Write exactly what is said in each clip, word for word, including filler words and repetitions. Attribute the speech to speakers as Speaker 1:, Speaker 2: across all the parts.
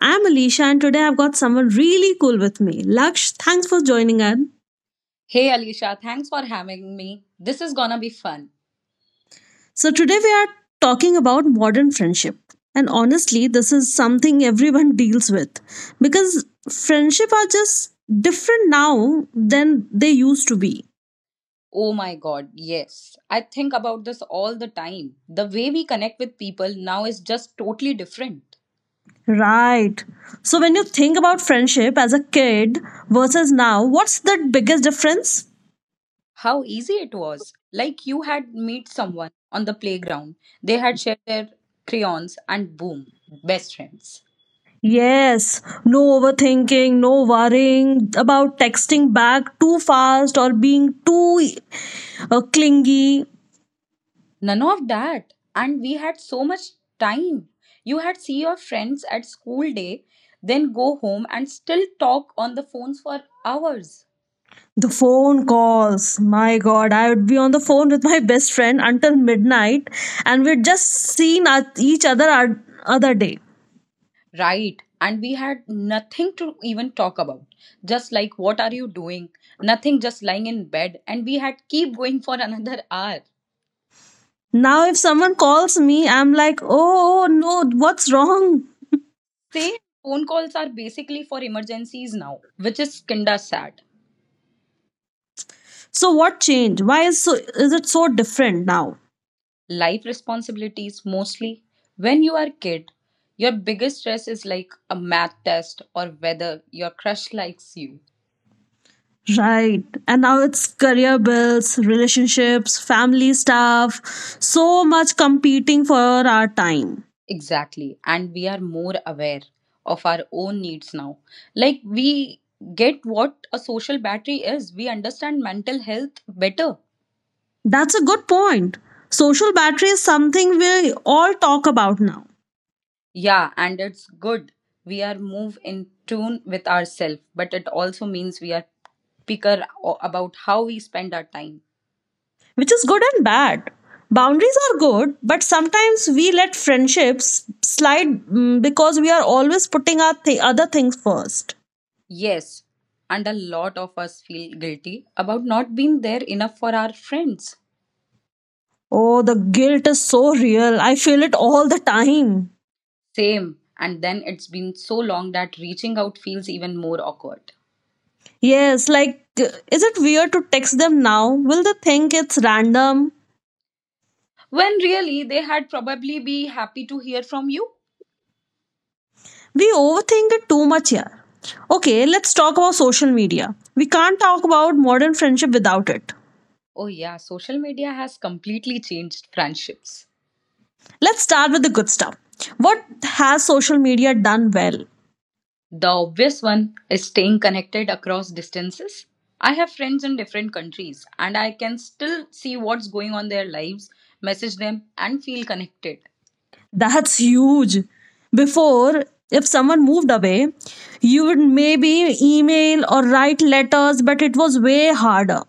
Speaker 1: I'm Alicia and today I've got someone really cool with me. Laksh, thanks for joining in.
Speaker 2: Hey Alicia, thanks for having me. This is gonna be fun.
Speaker 1: So today we are talking about modern friendship. And honestly, this is something everyone deals with because friendship are just different now than they used to be.
Speaker 2: Oh my god, yes. I think about this all the time. The way we connect with people now is just totally different.
Speaker 1: Right. So when you think about friendship as a kid versus now, what's the biggest difference?
Speaker 2: How easy it was. Like you had meet someone on the playground, they had shared their crayons, and boom, best friends.
Speaker 1: Yes, no overthinking, no worrying about texting back too fast or being too uh, clingy.
Speaker 2: None of that. And we had so much time. You had see your friends at school day, then go home and still talk on the phones for hours.
Speaker 1: The phone calls. My God, I would be on the phone with my best friend until midnight and we'd just seen at- each other our other day.
Speaker 2: Right. And we had nothing to even talk about. Just like, what are you doing? Nothing, just lying in bed. And we had keep going for another hour.
Speaker 1: Now, if someone calls me, I'm like, oh, oh no, what's wrong?
Speaker 2: Say, phone calls are basically for emergencies now, which is kinda sad.
Speaker 1: So, what changed? Why is so is it so different now?
Speaker 2: Life responsibilities mostly. When you are kid, your biggest stress is like a math test or whether your crush likes you.
Speaker 1: Right. And now it's career bills, relationships, family stuff, so much competing for our time.
Speaker 2: Exactly. And we are more aware of our own needs now. Like, we get what a social battery is, we understand mental health better.
Speaker 1: That's a good point. Social battery is something we all talk about now,
Speaker 2: Yeah, and it's good. We are move in tune with ourselves, but it also means we are picker o- about how we spend our time.
Speaker 1: which is good and bad. Boundaries are good, but sometimes we let friendships slide mm, because we are always putting our th- other things first.
Speaker 2: Yes, and a lot of us feel guilty about not being there enough for our friends.
Speaker 1: Oh, the guilt is so real. I feel it all the time.
Speaker 2: Same, and then it's been so long that reaching out feels even more awkward.
Speaker 1: Yes, like, is it weird to text them now? Will they think it's random?
Speaker 2: When really they had probably be happy to hear from you.
Speaker 1: We overthink it too much here. Okay, let's talk about social media. We can't talk about modern friendship without it.
Speaker 2: Oh, yeah, social media has completely changed friendships.
Speaker 1: Let's start with the good stuff. What has social media done well?
Speaker 2: The obvious one is staying connected across distances. I have friends in different countries and I can still see what's going on their lives, message them, and feel connected.
Speaker 1: That's huge. Before, if someone moved away, you would maybe email or write letters, but it was way harder.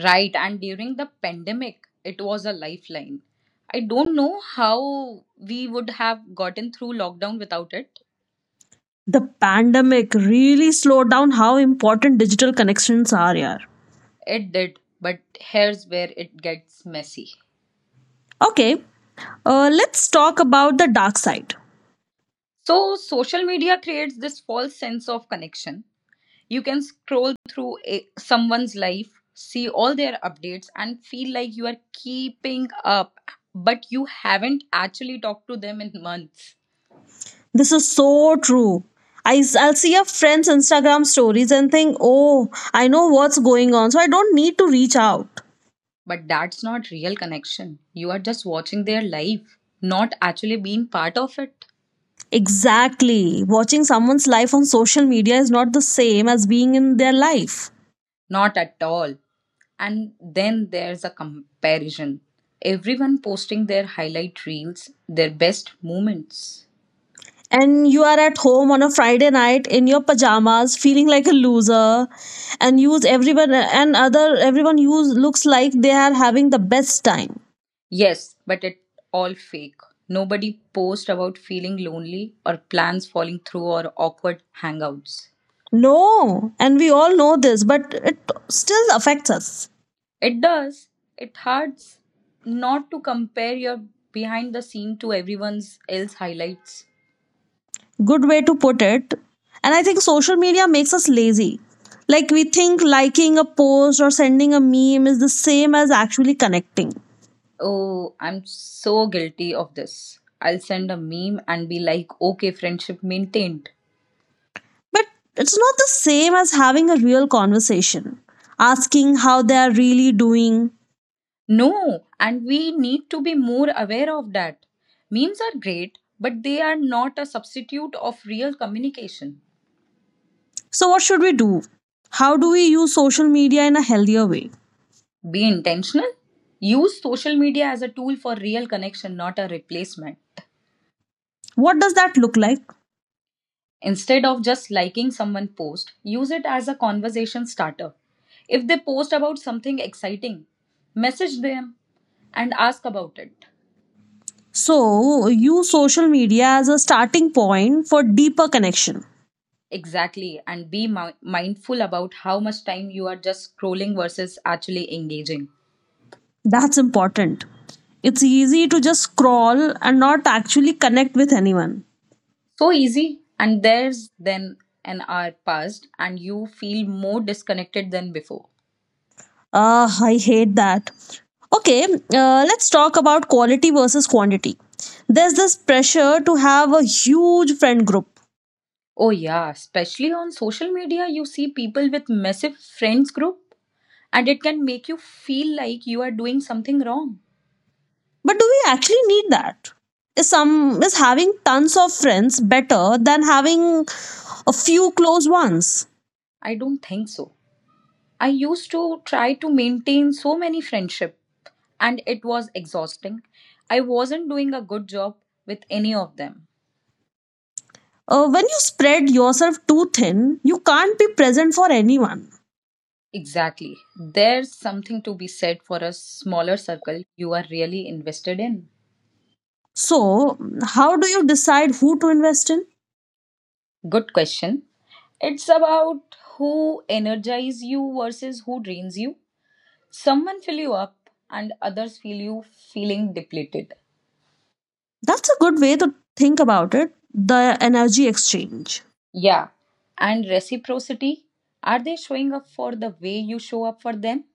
Speaker 2: Right, and during the pandemic, it was a lifeline. I don't know how we would have gotten through lockdown without it.
Speaker 1: The pandemic really slowed down how important digital connections are here.
Speaker 2: It did, but here's where it gets messy.
Speaker 1: Okay, uh, let's talk about the dark side.
Speaker 2: So, social media creates this false sense of connection. You can scroll through a, someone's life, see all their updates, and feel like you are keeping up, but you haven't actually talked to them in months.
Speaker 1: This is so true. I, I'll see a friend's Instagram stories and think, oh, I know what's going on, so I don't need to reach out.
Speaker 2: But that's not real connection. You are just watching their life, not actually being part of it.
Speaker 1: Exactly. Watching someone's life on social media is not the same as being in their life.
Speaker 2: Not at all. And then there's a comparison. Everyone posting their highlight reels, their best moments.
Speaker 1: And you are at home on a Friday night in your pajamas, feeling like a loser, and use everyone and other everyone use looks like they are having the best time.
Speaker 2: Yes, but it all fake. Nobody post about feeling lonely or plans falling through or awkward hangouts.
Speaker 1: No, and we all know this, but it still affects us.
Speaker 2: It does. It hurts not to compare your behind the scene to everyone's else highlights.
Speaker 1: Good way to put it. And I think social media makes us lazy. Like we think liking a post or sending a meme is the same as actually connecting.
Speaker 2: Oh, I'm so guilty of this. I'll send a meme and be like, okay, friendship maintained.
Speaker 1: But it's not the same as having a real conversation, asking how they are really doing.
Speaker 2: No, and we need to be more aware of that. Memes are great, but they are not a substitute of real communication.
Speaker 1: So, what should we do? How do we use social media in a healthier way?
Speaker 2: Be intentional. Use social media as a tool for real connection, not a replacement.
Speaker 1: What does that look like?
Speaker 2: Instead of just liking someone's post, use it as a conversation starter. If they post about something exciting, message them and ask about it.
Speaker 1: So, use social media as a starting point for deeper connection.
Speaker 2: Exactly, and be mi- mindful about how much time you are just scrolling versus actually engaging.
Speaker 1: That's important. It's easy to just scroll and not actually connect with anyone.
Speaker 2: So easy, and there's then an hour passed, and you feel more disconnected than before.
Speaker 1: Ah, I hate that. Okay, uh, let's talk about quality versus quantity. There's this pressure to have a huge friend group.
Speaker 2: Oh yeah, especially on social media, you see people with massive friends group and it can make you feel like you are doing something wrong.
Speaker 1: But do we actually need that? Is some is having tons of friends better than having a few close ones?
Speaker 2: I don't think so. I used to try to maintain so many friendship and it was exhausting. I wasn't doing a good job with any of them.
Speaker 1: Uh, when you spread yourself too thin, you can't be present for anyone.
Speaker 2: Exactly. There's something to be said for a smaller circle you are really invested in.
Speaker 1: So, how do you decide who to invest in?
Speaker 2: Good question. It's about who energizes you versus who drains you. Someone fill you up and others feel you feeling depleted.
Speaker 1: That's a good way to think about it. The energy exchange.
Speaker 2: Yeah. And reciprocity? Are they showing up for the way you show up for them?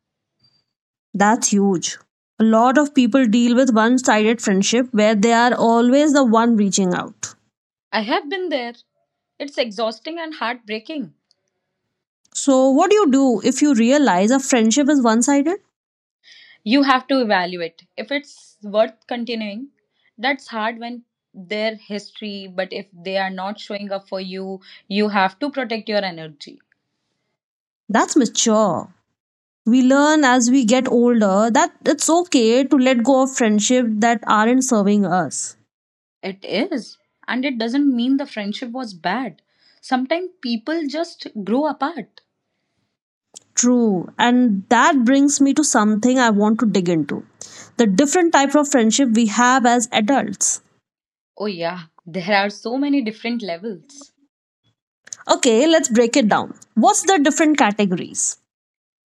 Speaker 1: That's huge. A lot of people deal with one sided friendship where they are always the one reaching out.
Speaker 2: I have been there. It's exhausting and heartbreaking.
Speaker 1: So, what do you do if you realize a friendship is one sided?
Speaker 2: You have to evaluate if it's worth continuing. That's hard when their history, but if they are not showing up for you, you have to protect your energy.
Speaker 1: That's mature. We learn as we get older that it's okay to let go of friendship that aren't serving us.
Speaker 2: It is. And it doesn't mean the friendship was bad. Sometimes people just grow apart.
Speaker 1: True. And that brings me to something I want to dig into the different type of friendship we have as adults.
Speaker 2: Oh, yeah, there are so many different levels.
Speaker 1: Okay, let's break it down. What's the different categories?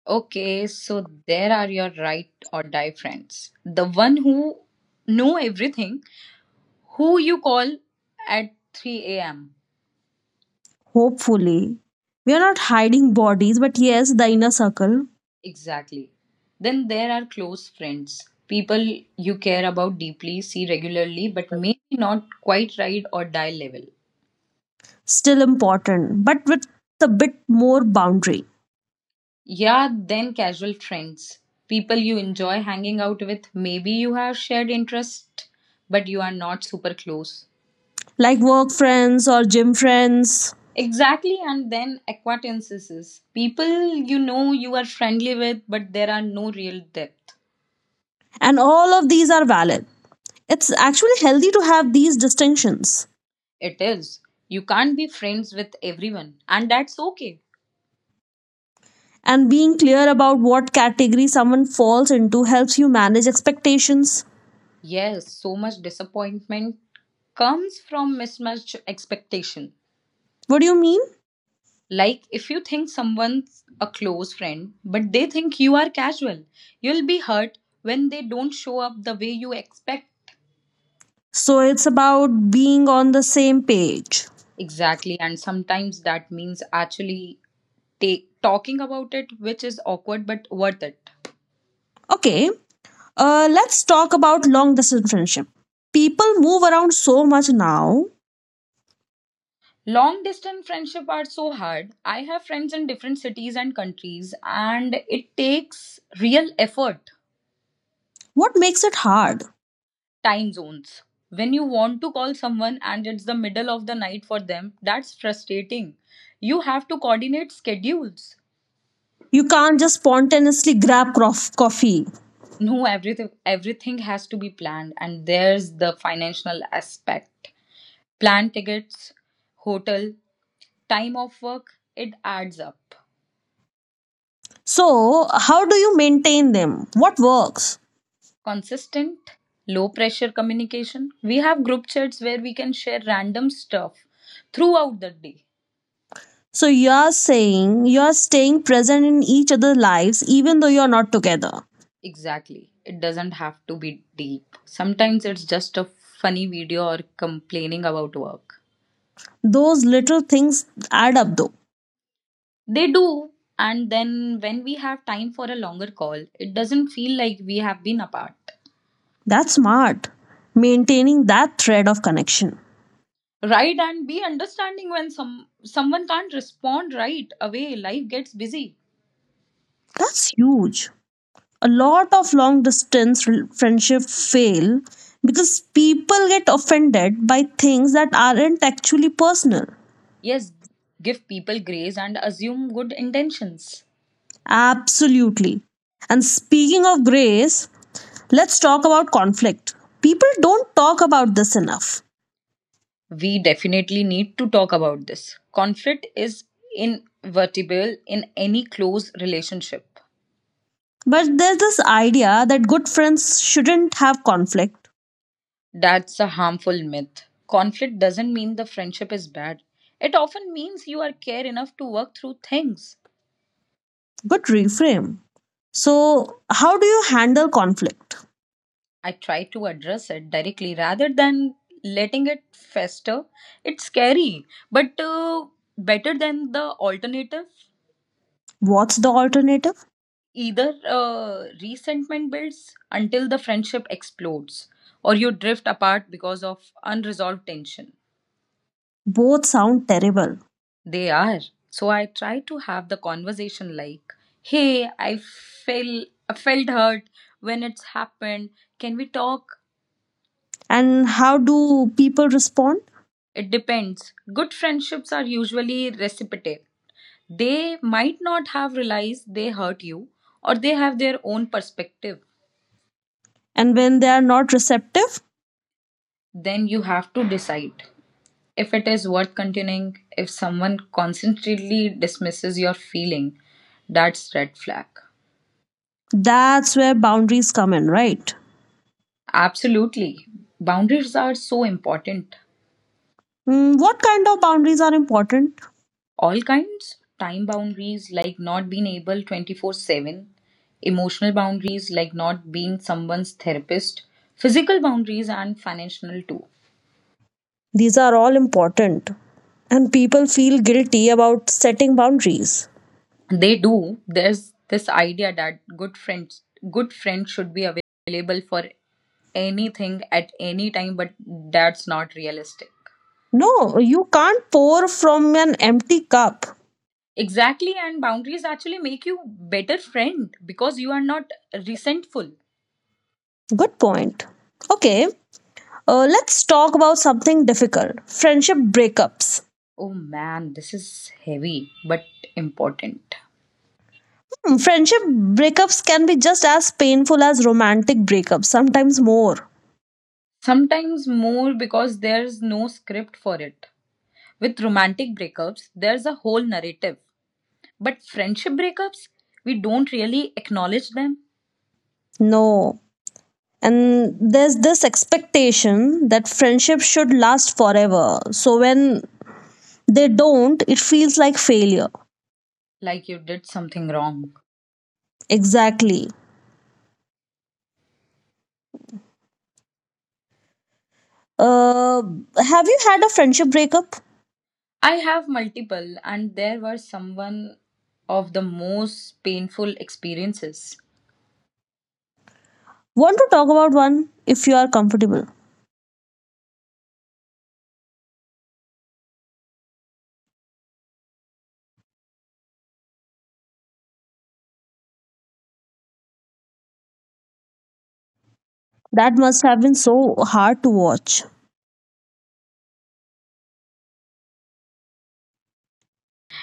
Speaker 2: Okay, so there are your right or die friends. The one who know everything, who you call at three a m.
Speaker 1: Hopefully, we are not hiding bodies, but yes, the inner circle
Speaker 2: Exactly. Then there are close friends, people you care about deeply, see regularly, but maybe not quite right or die level.
Speaker 1: still important, but with a bit more boundary,
Speaker 2: Yeah, then casual friends, people you enjoy hanging out with, maybe you have shared interest, but you are not super close.
Speaker 1: like work friends or gym friends,
Speaker 2: Exactly, and then acquaintances. People you know you are friendly with, but there are no real depth.
Speaker 1: and all of these are valid. It's actually healthy to have these distinctions.
Speaker 2: It is. You can't be friends with everyone, and that's okay.
Speaker 1: And being clear about what category someone falls into helps you manage expectations.
Speaker 2: Yes, so much disappointment comes from mismatched expectation.
Speaker 1: What do you mean?
Speaker 2: Like if you think someone's a close friend, but they think you are casual, you'll be hurt when they don't show up the way you expect.
Speaker 1: So it's about being on the same page.
Speaker 2: Exactly, and sometimes that means actually take, talking about it, which is awkward but worth it.
Speaker 1: Okay, Uh, let's talk about long distance friendship. People move around so much now.
Speaker 2: Long distance friendship are so hard. I have friends in different cities and countries, and it takes real effort.
Speaker 1: What makes it hard?
Speaker 2: Time zones. When you want to call someone and it's the middle of the night for them, that's frustrating. You have to coordinate schedules.
Speaker 1: You can't just spontaneously grab crof- coffee.
Speaker 2: No, everything everything has to be planned, and there's the financial aspect. Plan tickets, hotel, time off work, it adds up.
Speaker 1: So, how do you maintain them? What works?
Speaker 2: Consistent low pressure communication, we have group chats where we can share random stuff throughout the day.
Speaker 1: So, you are saying you are staying present in each other's lives even though you are not together.
Speaker 2: Exactly, it doesn't have to be deep, sometimes it's just a funny video or complaining about work.
Speaker 1: Those little things add up though.
Speaker 2: They do, and then when we have time for a longer call it doesn't feel like we have been apart.
Speaker 1: That's smart. Maintaining that thread of connection.
Speaker 2: Right, and be understanding when some someone can't respond right away, life gets busy.
Speaker 1: That's huge. A lot of long distance rel- friendship fail because people get offended by things that aren't actually personal.
Speaker 2: Yes, give people grace and assume good intentions.
Speaker 1: Absolutely. And speaking of grace, let's talk about conflict. People don't talk about this enough,
Speaker 2: We definitely need to talk about this. Conflict is inevitable in any close relationship.
Speaker 1: but there's this idea that good friends shouldn't have conflict.
Speaker 2: That's a harmful myth. Conflict doesn't mean the friendship is bad. It often means you are care enough to work through things.
Speaker 1: Good reframe. So how do you handle conflict?
Speaker 2: I try to address it directly rather than letting it fester. It's scary, but uh, better than the alternative.
Speaker 1: What's the alternative?
Speaker 2: Either uh, resentment builds until the friendship explodes, or you drift apart because of unresolved tension.
Speaker 1: Both sound terrible.
Speaker 2: They are. So I try to have the conversation like, "Hey, I feel I felt hurt when it's happened. Can we talk?"
Speaker 1: And how do people respond?
Speaker 2: It depends. Good friendships are usually reciprocal. They might not have realized they hurt you, or they have their own perspective.
Speaker 1: And when they are not receptive,
Speaker 2: Then you have to decide if it is worth continuing. If someone constantly dismisses your feeling, that's red flag.
Speaker 1: that's where boundaries come in, right?
Speaker 2: Absolutely, boundaries are so important,
Speaker 1: Mm, what kind of boundaries are important?
Speaker 2: all kinds. Time boundaries like not being able twenty-four seven, emotional boundaries like not being someone's therapist, physical boundaries and financial too.
Speaker 1: These are all important and people feel guilty about setting boundaries.
Speaker 2: They do. There's this idea that good friends good friends should be available for anything at any time, but that's not realistic.
Speaker 1: No, you can't pour from an empty cup.
Speaker 2: Exactly, and boundaries actually make you better friend because you are not resentful.
Speaker 1: Good point. Okay, uh, let's talk about something difficult. Friendship breakups.
Speaker 2: Oh man, this is heavy but important.
Speaker 1: Hmm, friendship breakups can be just as painful as romantic breakups, sometimes more.
Speaker 2: Sometimes more because there's no script for it. With romantic breakups, there's a whole narrative. But friendship breakups, we don't really acknowledge them,
Speaker 1: No, and there's this expectation that friendship should last forever, so when they don't it feels like failure.
Speaker 2: like you did something wrong.
Speaker 1: Exactly. Uh, have you had a friendship breakup?
Speaker 2: I have multiple, and there were someone of the most painful experiences.
Speaker 1: Want to talk about one if you are comfortable? That must have been so hard to watch.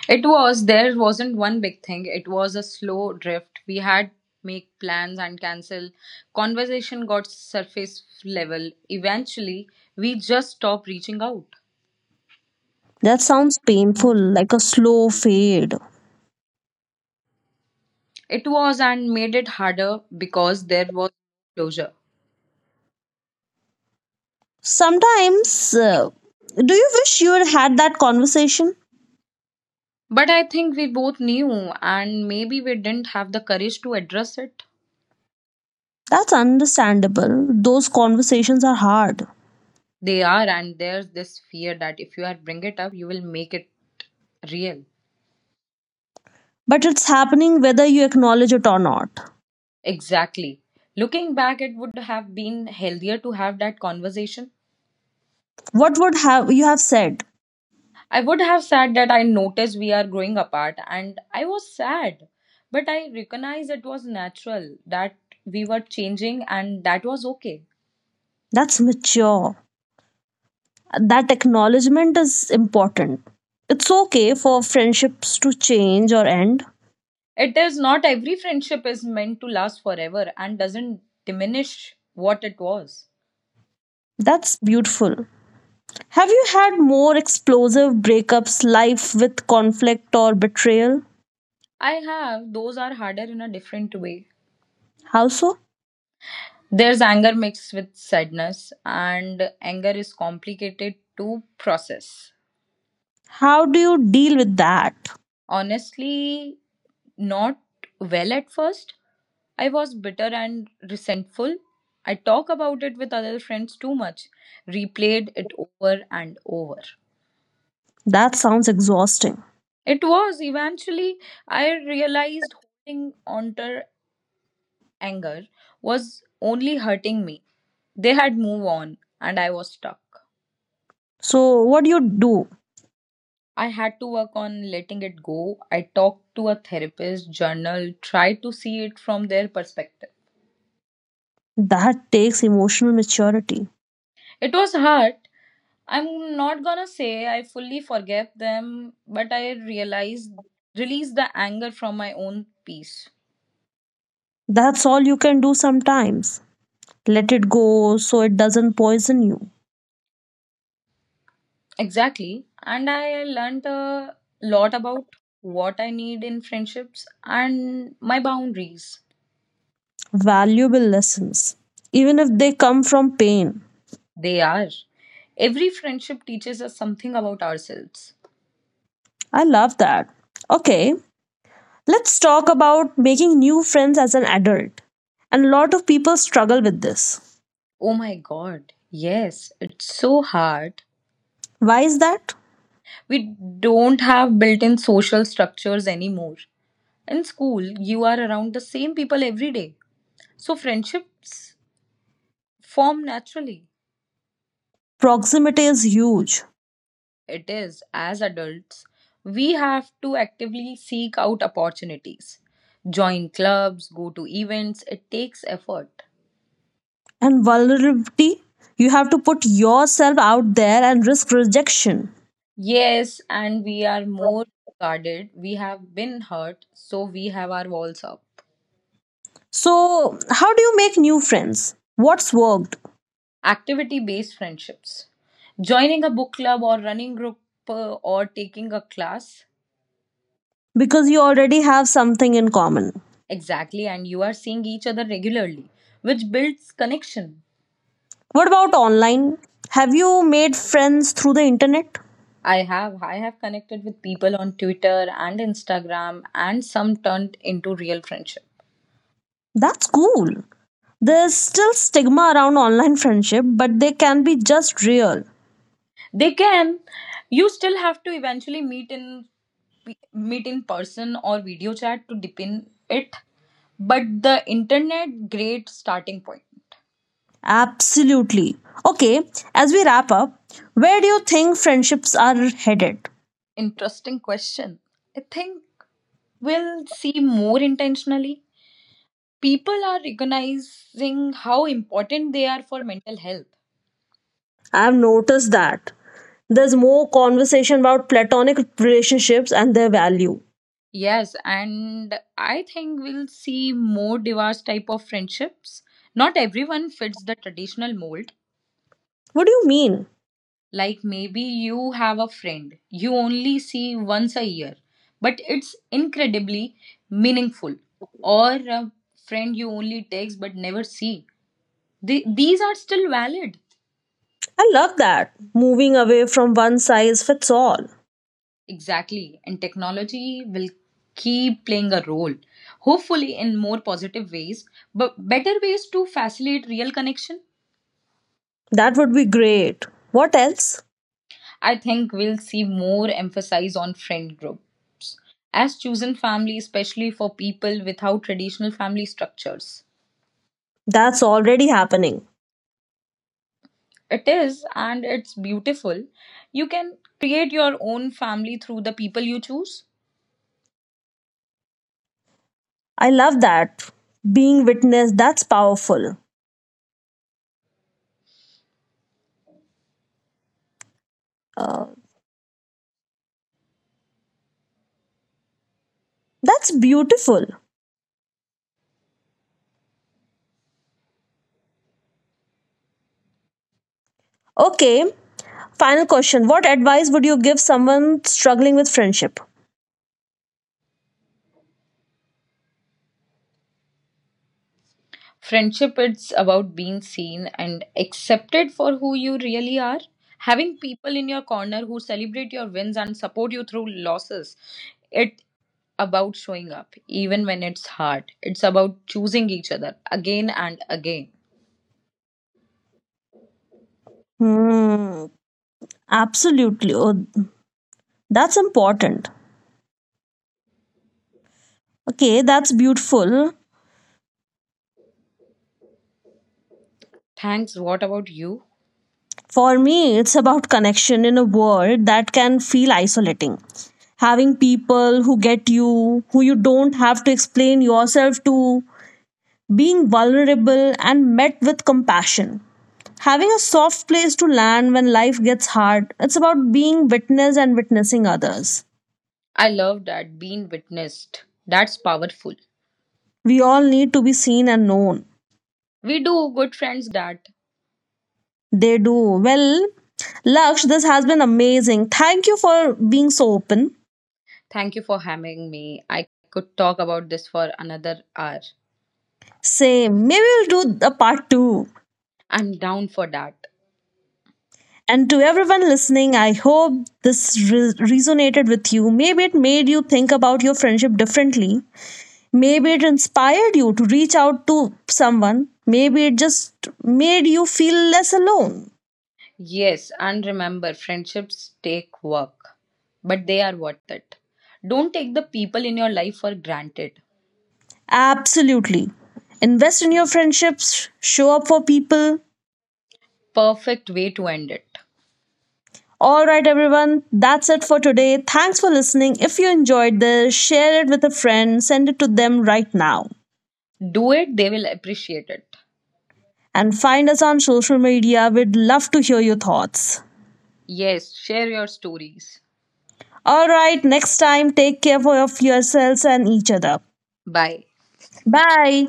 Speaker 2: It was there wasn't one big thing. It was a slow drift. We had make plans and cancel. Conversation got surface level. Eventually, we just stopped reaching out.
Speaker 1: That sounds painful, like a slow fade
Speaker 2: It was and made it harder because there was closure.
Speaker 1: sometimes. Uh, do you wish you had had that conversation?
Speaker 2: But I think we both knew and maybe we didn't have the courage to address it.
Speaker 1: That's understandable. Those conversations are hard,
Speaker 2: They are, and there's this fear that if you had bring it up, you will make it real.
Speaker 1: but it's happening whether you acknowledge it or not.
Speaker 2: Exactly. Looking back, it would have been healthier to have that conversation.
Speaker 1: What would have you have said?
Speaker 2: I would have said that I noticed we are growing apart and I was sad. But I recognize it was natural that we were changing and that was okay.
Speaker 1: That's mature. That acknowledgement is important. It's okay for friendships to change or end.
Speaker 2: It is, not every friendship is meant to last forever and doesn't diminish what it was.
Speaker 1: That's beautiful. Have you had more explosive breakups, life with conflict or betrayal?
Speaker 2: I have, those are harder in a different way.
Speaker 1: How so?
Speaker 2: There's anger mixed with sadness, and anger is complicated to process.
Speaker 1: How do you deal with that?
Speaker 2: Honestly, not well at first. I was bitter and resentful. I talk about it with other friends too much, replayed it over and over.
Speaker 1: That sounds exhausting.
Speaker 2: It was eventually I realized holding on to anger was only hurting me. They had moved on and I was stuck.
Speaker 1: So what do you do?
Speaker 2: I had to work on letting it go. I talked to a therapist, journal, tried to see it from their perspective.
Speaker 1: That takes emotional maturity.
Speaker 2: It was hard, I'm not gonna say I fully forgave them, but I realized released the anger from my own piece.
Speaker 1: That's all you can do sometimes. Let it go so it doesn't poison you.
Speaker 2: Exactly. And I learned a lot about what I need in friendships and my boundaries.
Speaker 1: Valuable lessons, even if they come from pain.
Speaker 2: They are. Every friendship teaches us something about ourselves.
Speaker 1: I love that. Okay, let's talk about making new friends as an adult. And a lot of people struggle with this.
Speaker 2: Oh my god. Yes, it's so hard.
Speaker 1: Why is that?
Speaker 2: We don't have built in social structures anymore. In school, you are around the same people every day. So friendships form naturally.
Speaker 1: Proximity is huge,
Speaker 2: It is, as adults, we have to actively seek out opportunities, join clubs, go to events. It takes effort.
Speaker 1: and vulnerability, you have to put yourself out there and risk rejection.
Speaker 2: Yes, and we are more guarded. We have been hurt, so we have our walls up.
Speaker 1: So, how do you make new friends? What's worked?
Speaker 2: Activity based friendships. Joining a book club or running group uh, or taking a class.
Speaker 1: Because you already have something in common.
Speaker 2: Exactly, and you are seeing each other regularly, which builds connection.
Speaker 1: What about online? Have you made friends through the internet?
Speaker 2: I have. I have connected with people on Twitter and Instagram, and some turned into real friendship.
Speaker 1: That's cool. There's still stigma around online friendship, but they can be just real.
Speaker 2: They can. You still have to eventually meet in meet in person or video chat to deepen it. But the internet, great starting point.
Speaker 1: Absolutely. Okay, as we wrap up, where do you think friendships are headed?
Speaker 2: Interesting question. I think we'll see more intentionally. People are recognizing how important they are for mental health.
Speaker 1: I've noticed that there's more conversation about platonic relationships and their value.
Speaker 2: Yes, and I think we'll see more diverse type of friendships. Not everyone fits the traditional mold.
Speaker 1: What do you mean?
Speaker 2: Like maybe you have a friend you only see once a year, but it's incredibly meaningful. Or a friend you only text but never see. The, these are still valid.
Speaker 1: I love that. Moving away from one size fits all.
Speaker 2: Exactly, and technology will keep playing a role, hopefully in more positive ways, but better ways to facilitate real connection.
Speaker 1: That would be great. What else?
Speaker 2: I think we'll see more emphasis on friend groups as chosen family, especially for people without traditional family structures.
Speaker 1: That's already happening.
Speaker 2: It is, and it's beautiful. You can create your own family through the people you choose.
Speaker 1: I love that. Being witnessed, that's powerful. Uh, that's beautiful. Okay, final question. What advice would you give someone struggling with friendship?
Speaker 2: Friendship, it's about being seen and accepted for who you really are, having people in your corner who celebrate your wins and support you through losses. It about showing up even when it's hard. It's about choosing each other again and again.
Speaker 1: Hmm, absolutely. Oh, that's important. Okay, that's beautiful.
Speaker 2: Thanks, what about you?
Speaker 1: For me, it's about connection in a world that can feel isolating. Having people who get you, who you don't have to explain yourself to, being vulnerable and met with compassion. Having a soft place to land when life gets hard, it's about being witness and witnessing others.
Speaker 2: I love that, being witnessed, that's powerful.
Speaker 1: We all need to be seen and known.
Speaker 2: We do, good friends give us that.
Speaker 1: They do. Well, Laksh, this has been amazing. Thank you for being so open.
Speaker 2: Thank you for having me. I could talk about this for another hour.
Speaker 1: Say, maybe we'll do a part two.
Speaker 2: I'm down for that.
Speaker 1: And to everyone listening, I hope this re- resonated with you. Maybe it made you think about your friendship differently. Maybe it inspired you to reach out to someone. Maybe it just made you feel less alone.
Speaker 2: Yes, and remember, friendships take work, but they are worth it. Don't take the people in your life for granted.
Speaker 1: Absolutely. Invest in your friendships, show up for people.
Speaker 2: Perfect way to end it.
Speaker 1: All right, everyone, that's it for today. Thanks for listening. If you enjoyed this, share it with a friend, send it to them right now.
Speaker 2: Do it, they will appreciate it.
Speaker 1: And find us on social media. We'd love to hear your thoughts.
Speaker 2: Yes, share your stories.
Speaker 1: All right, next time, take care of yourselves and each other.
Speaker 2: Bye.
Speaker 1: Bye.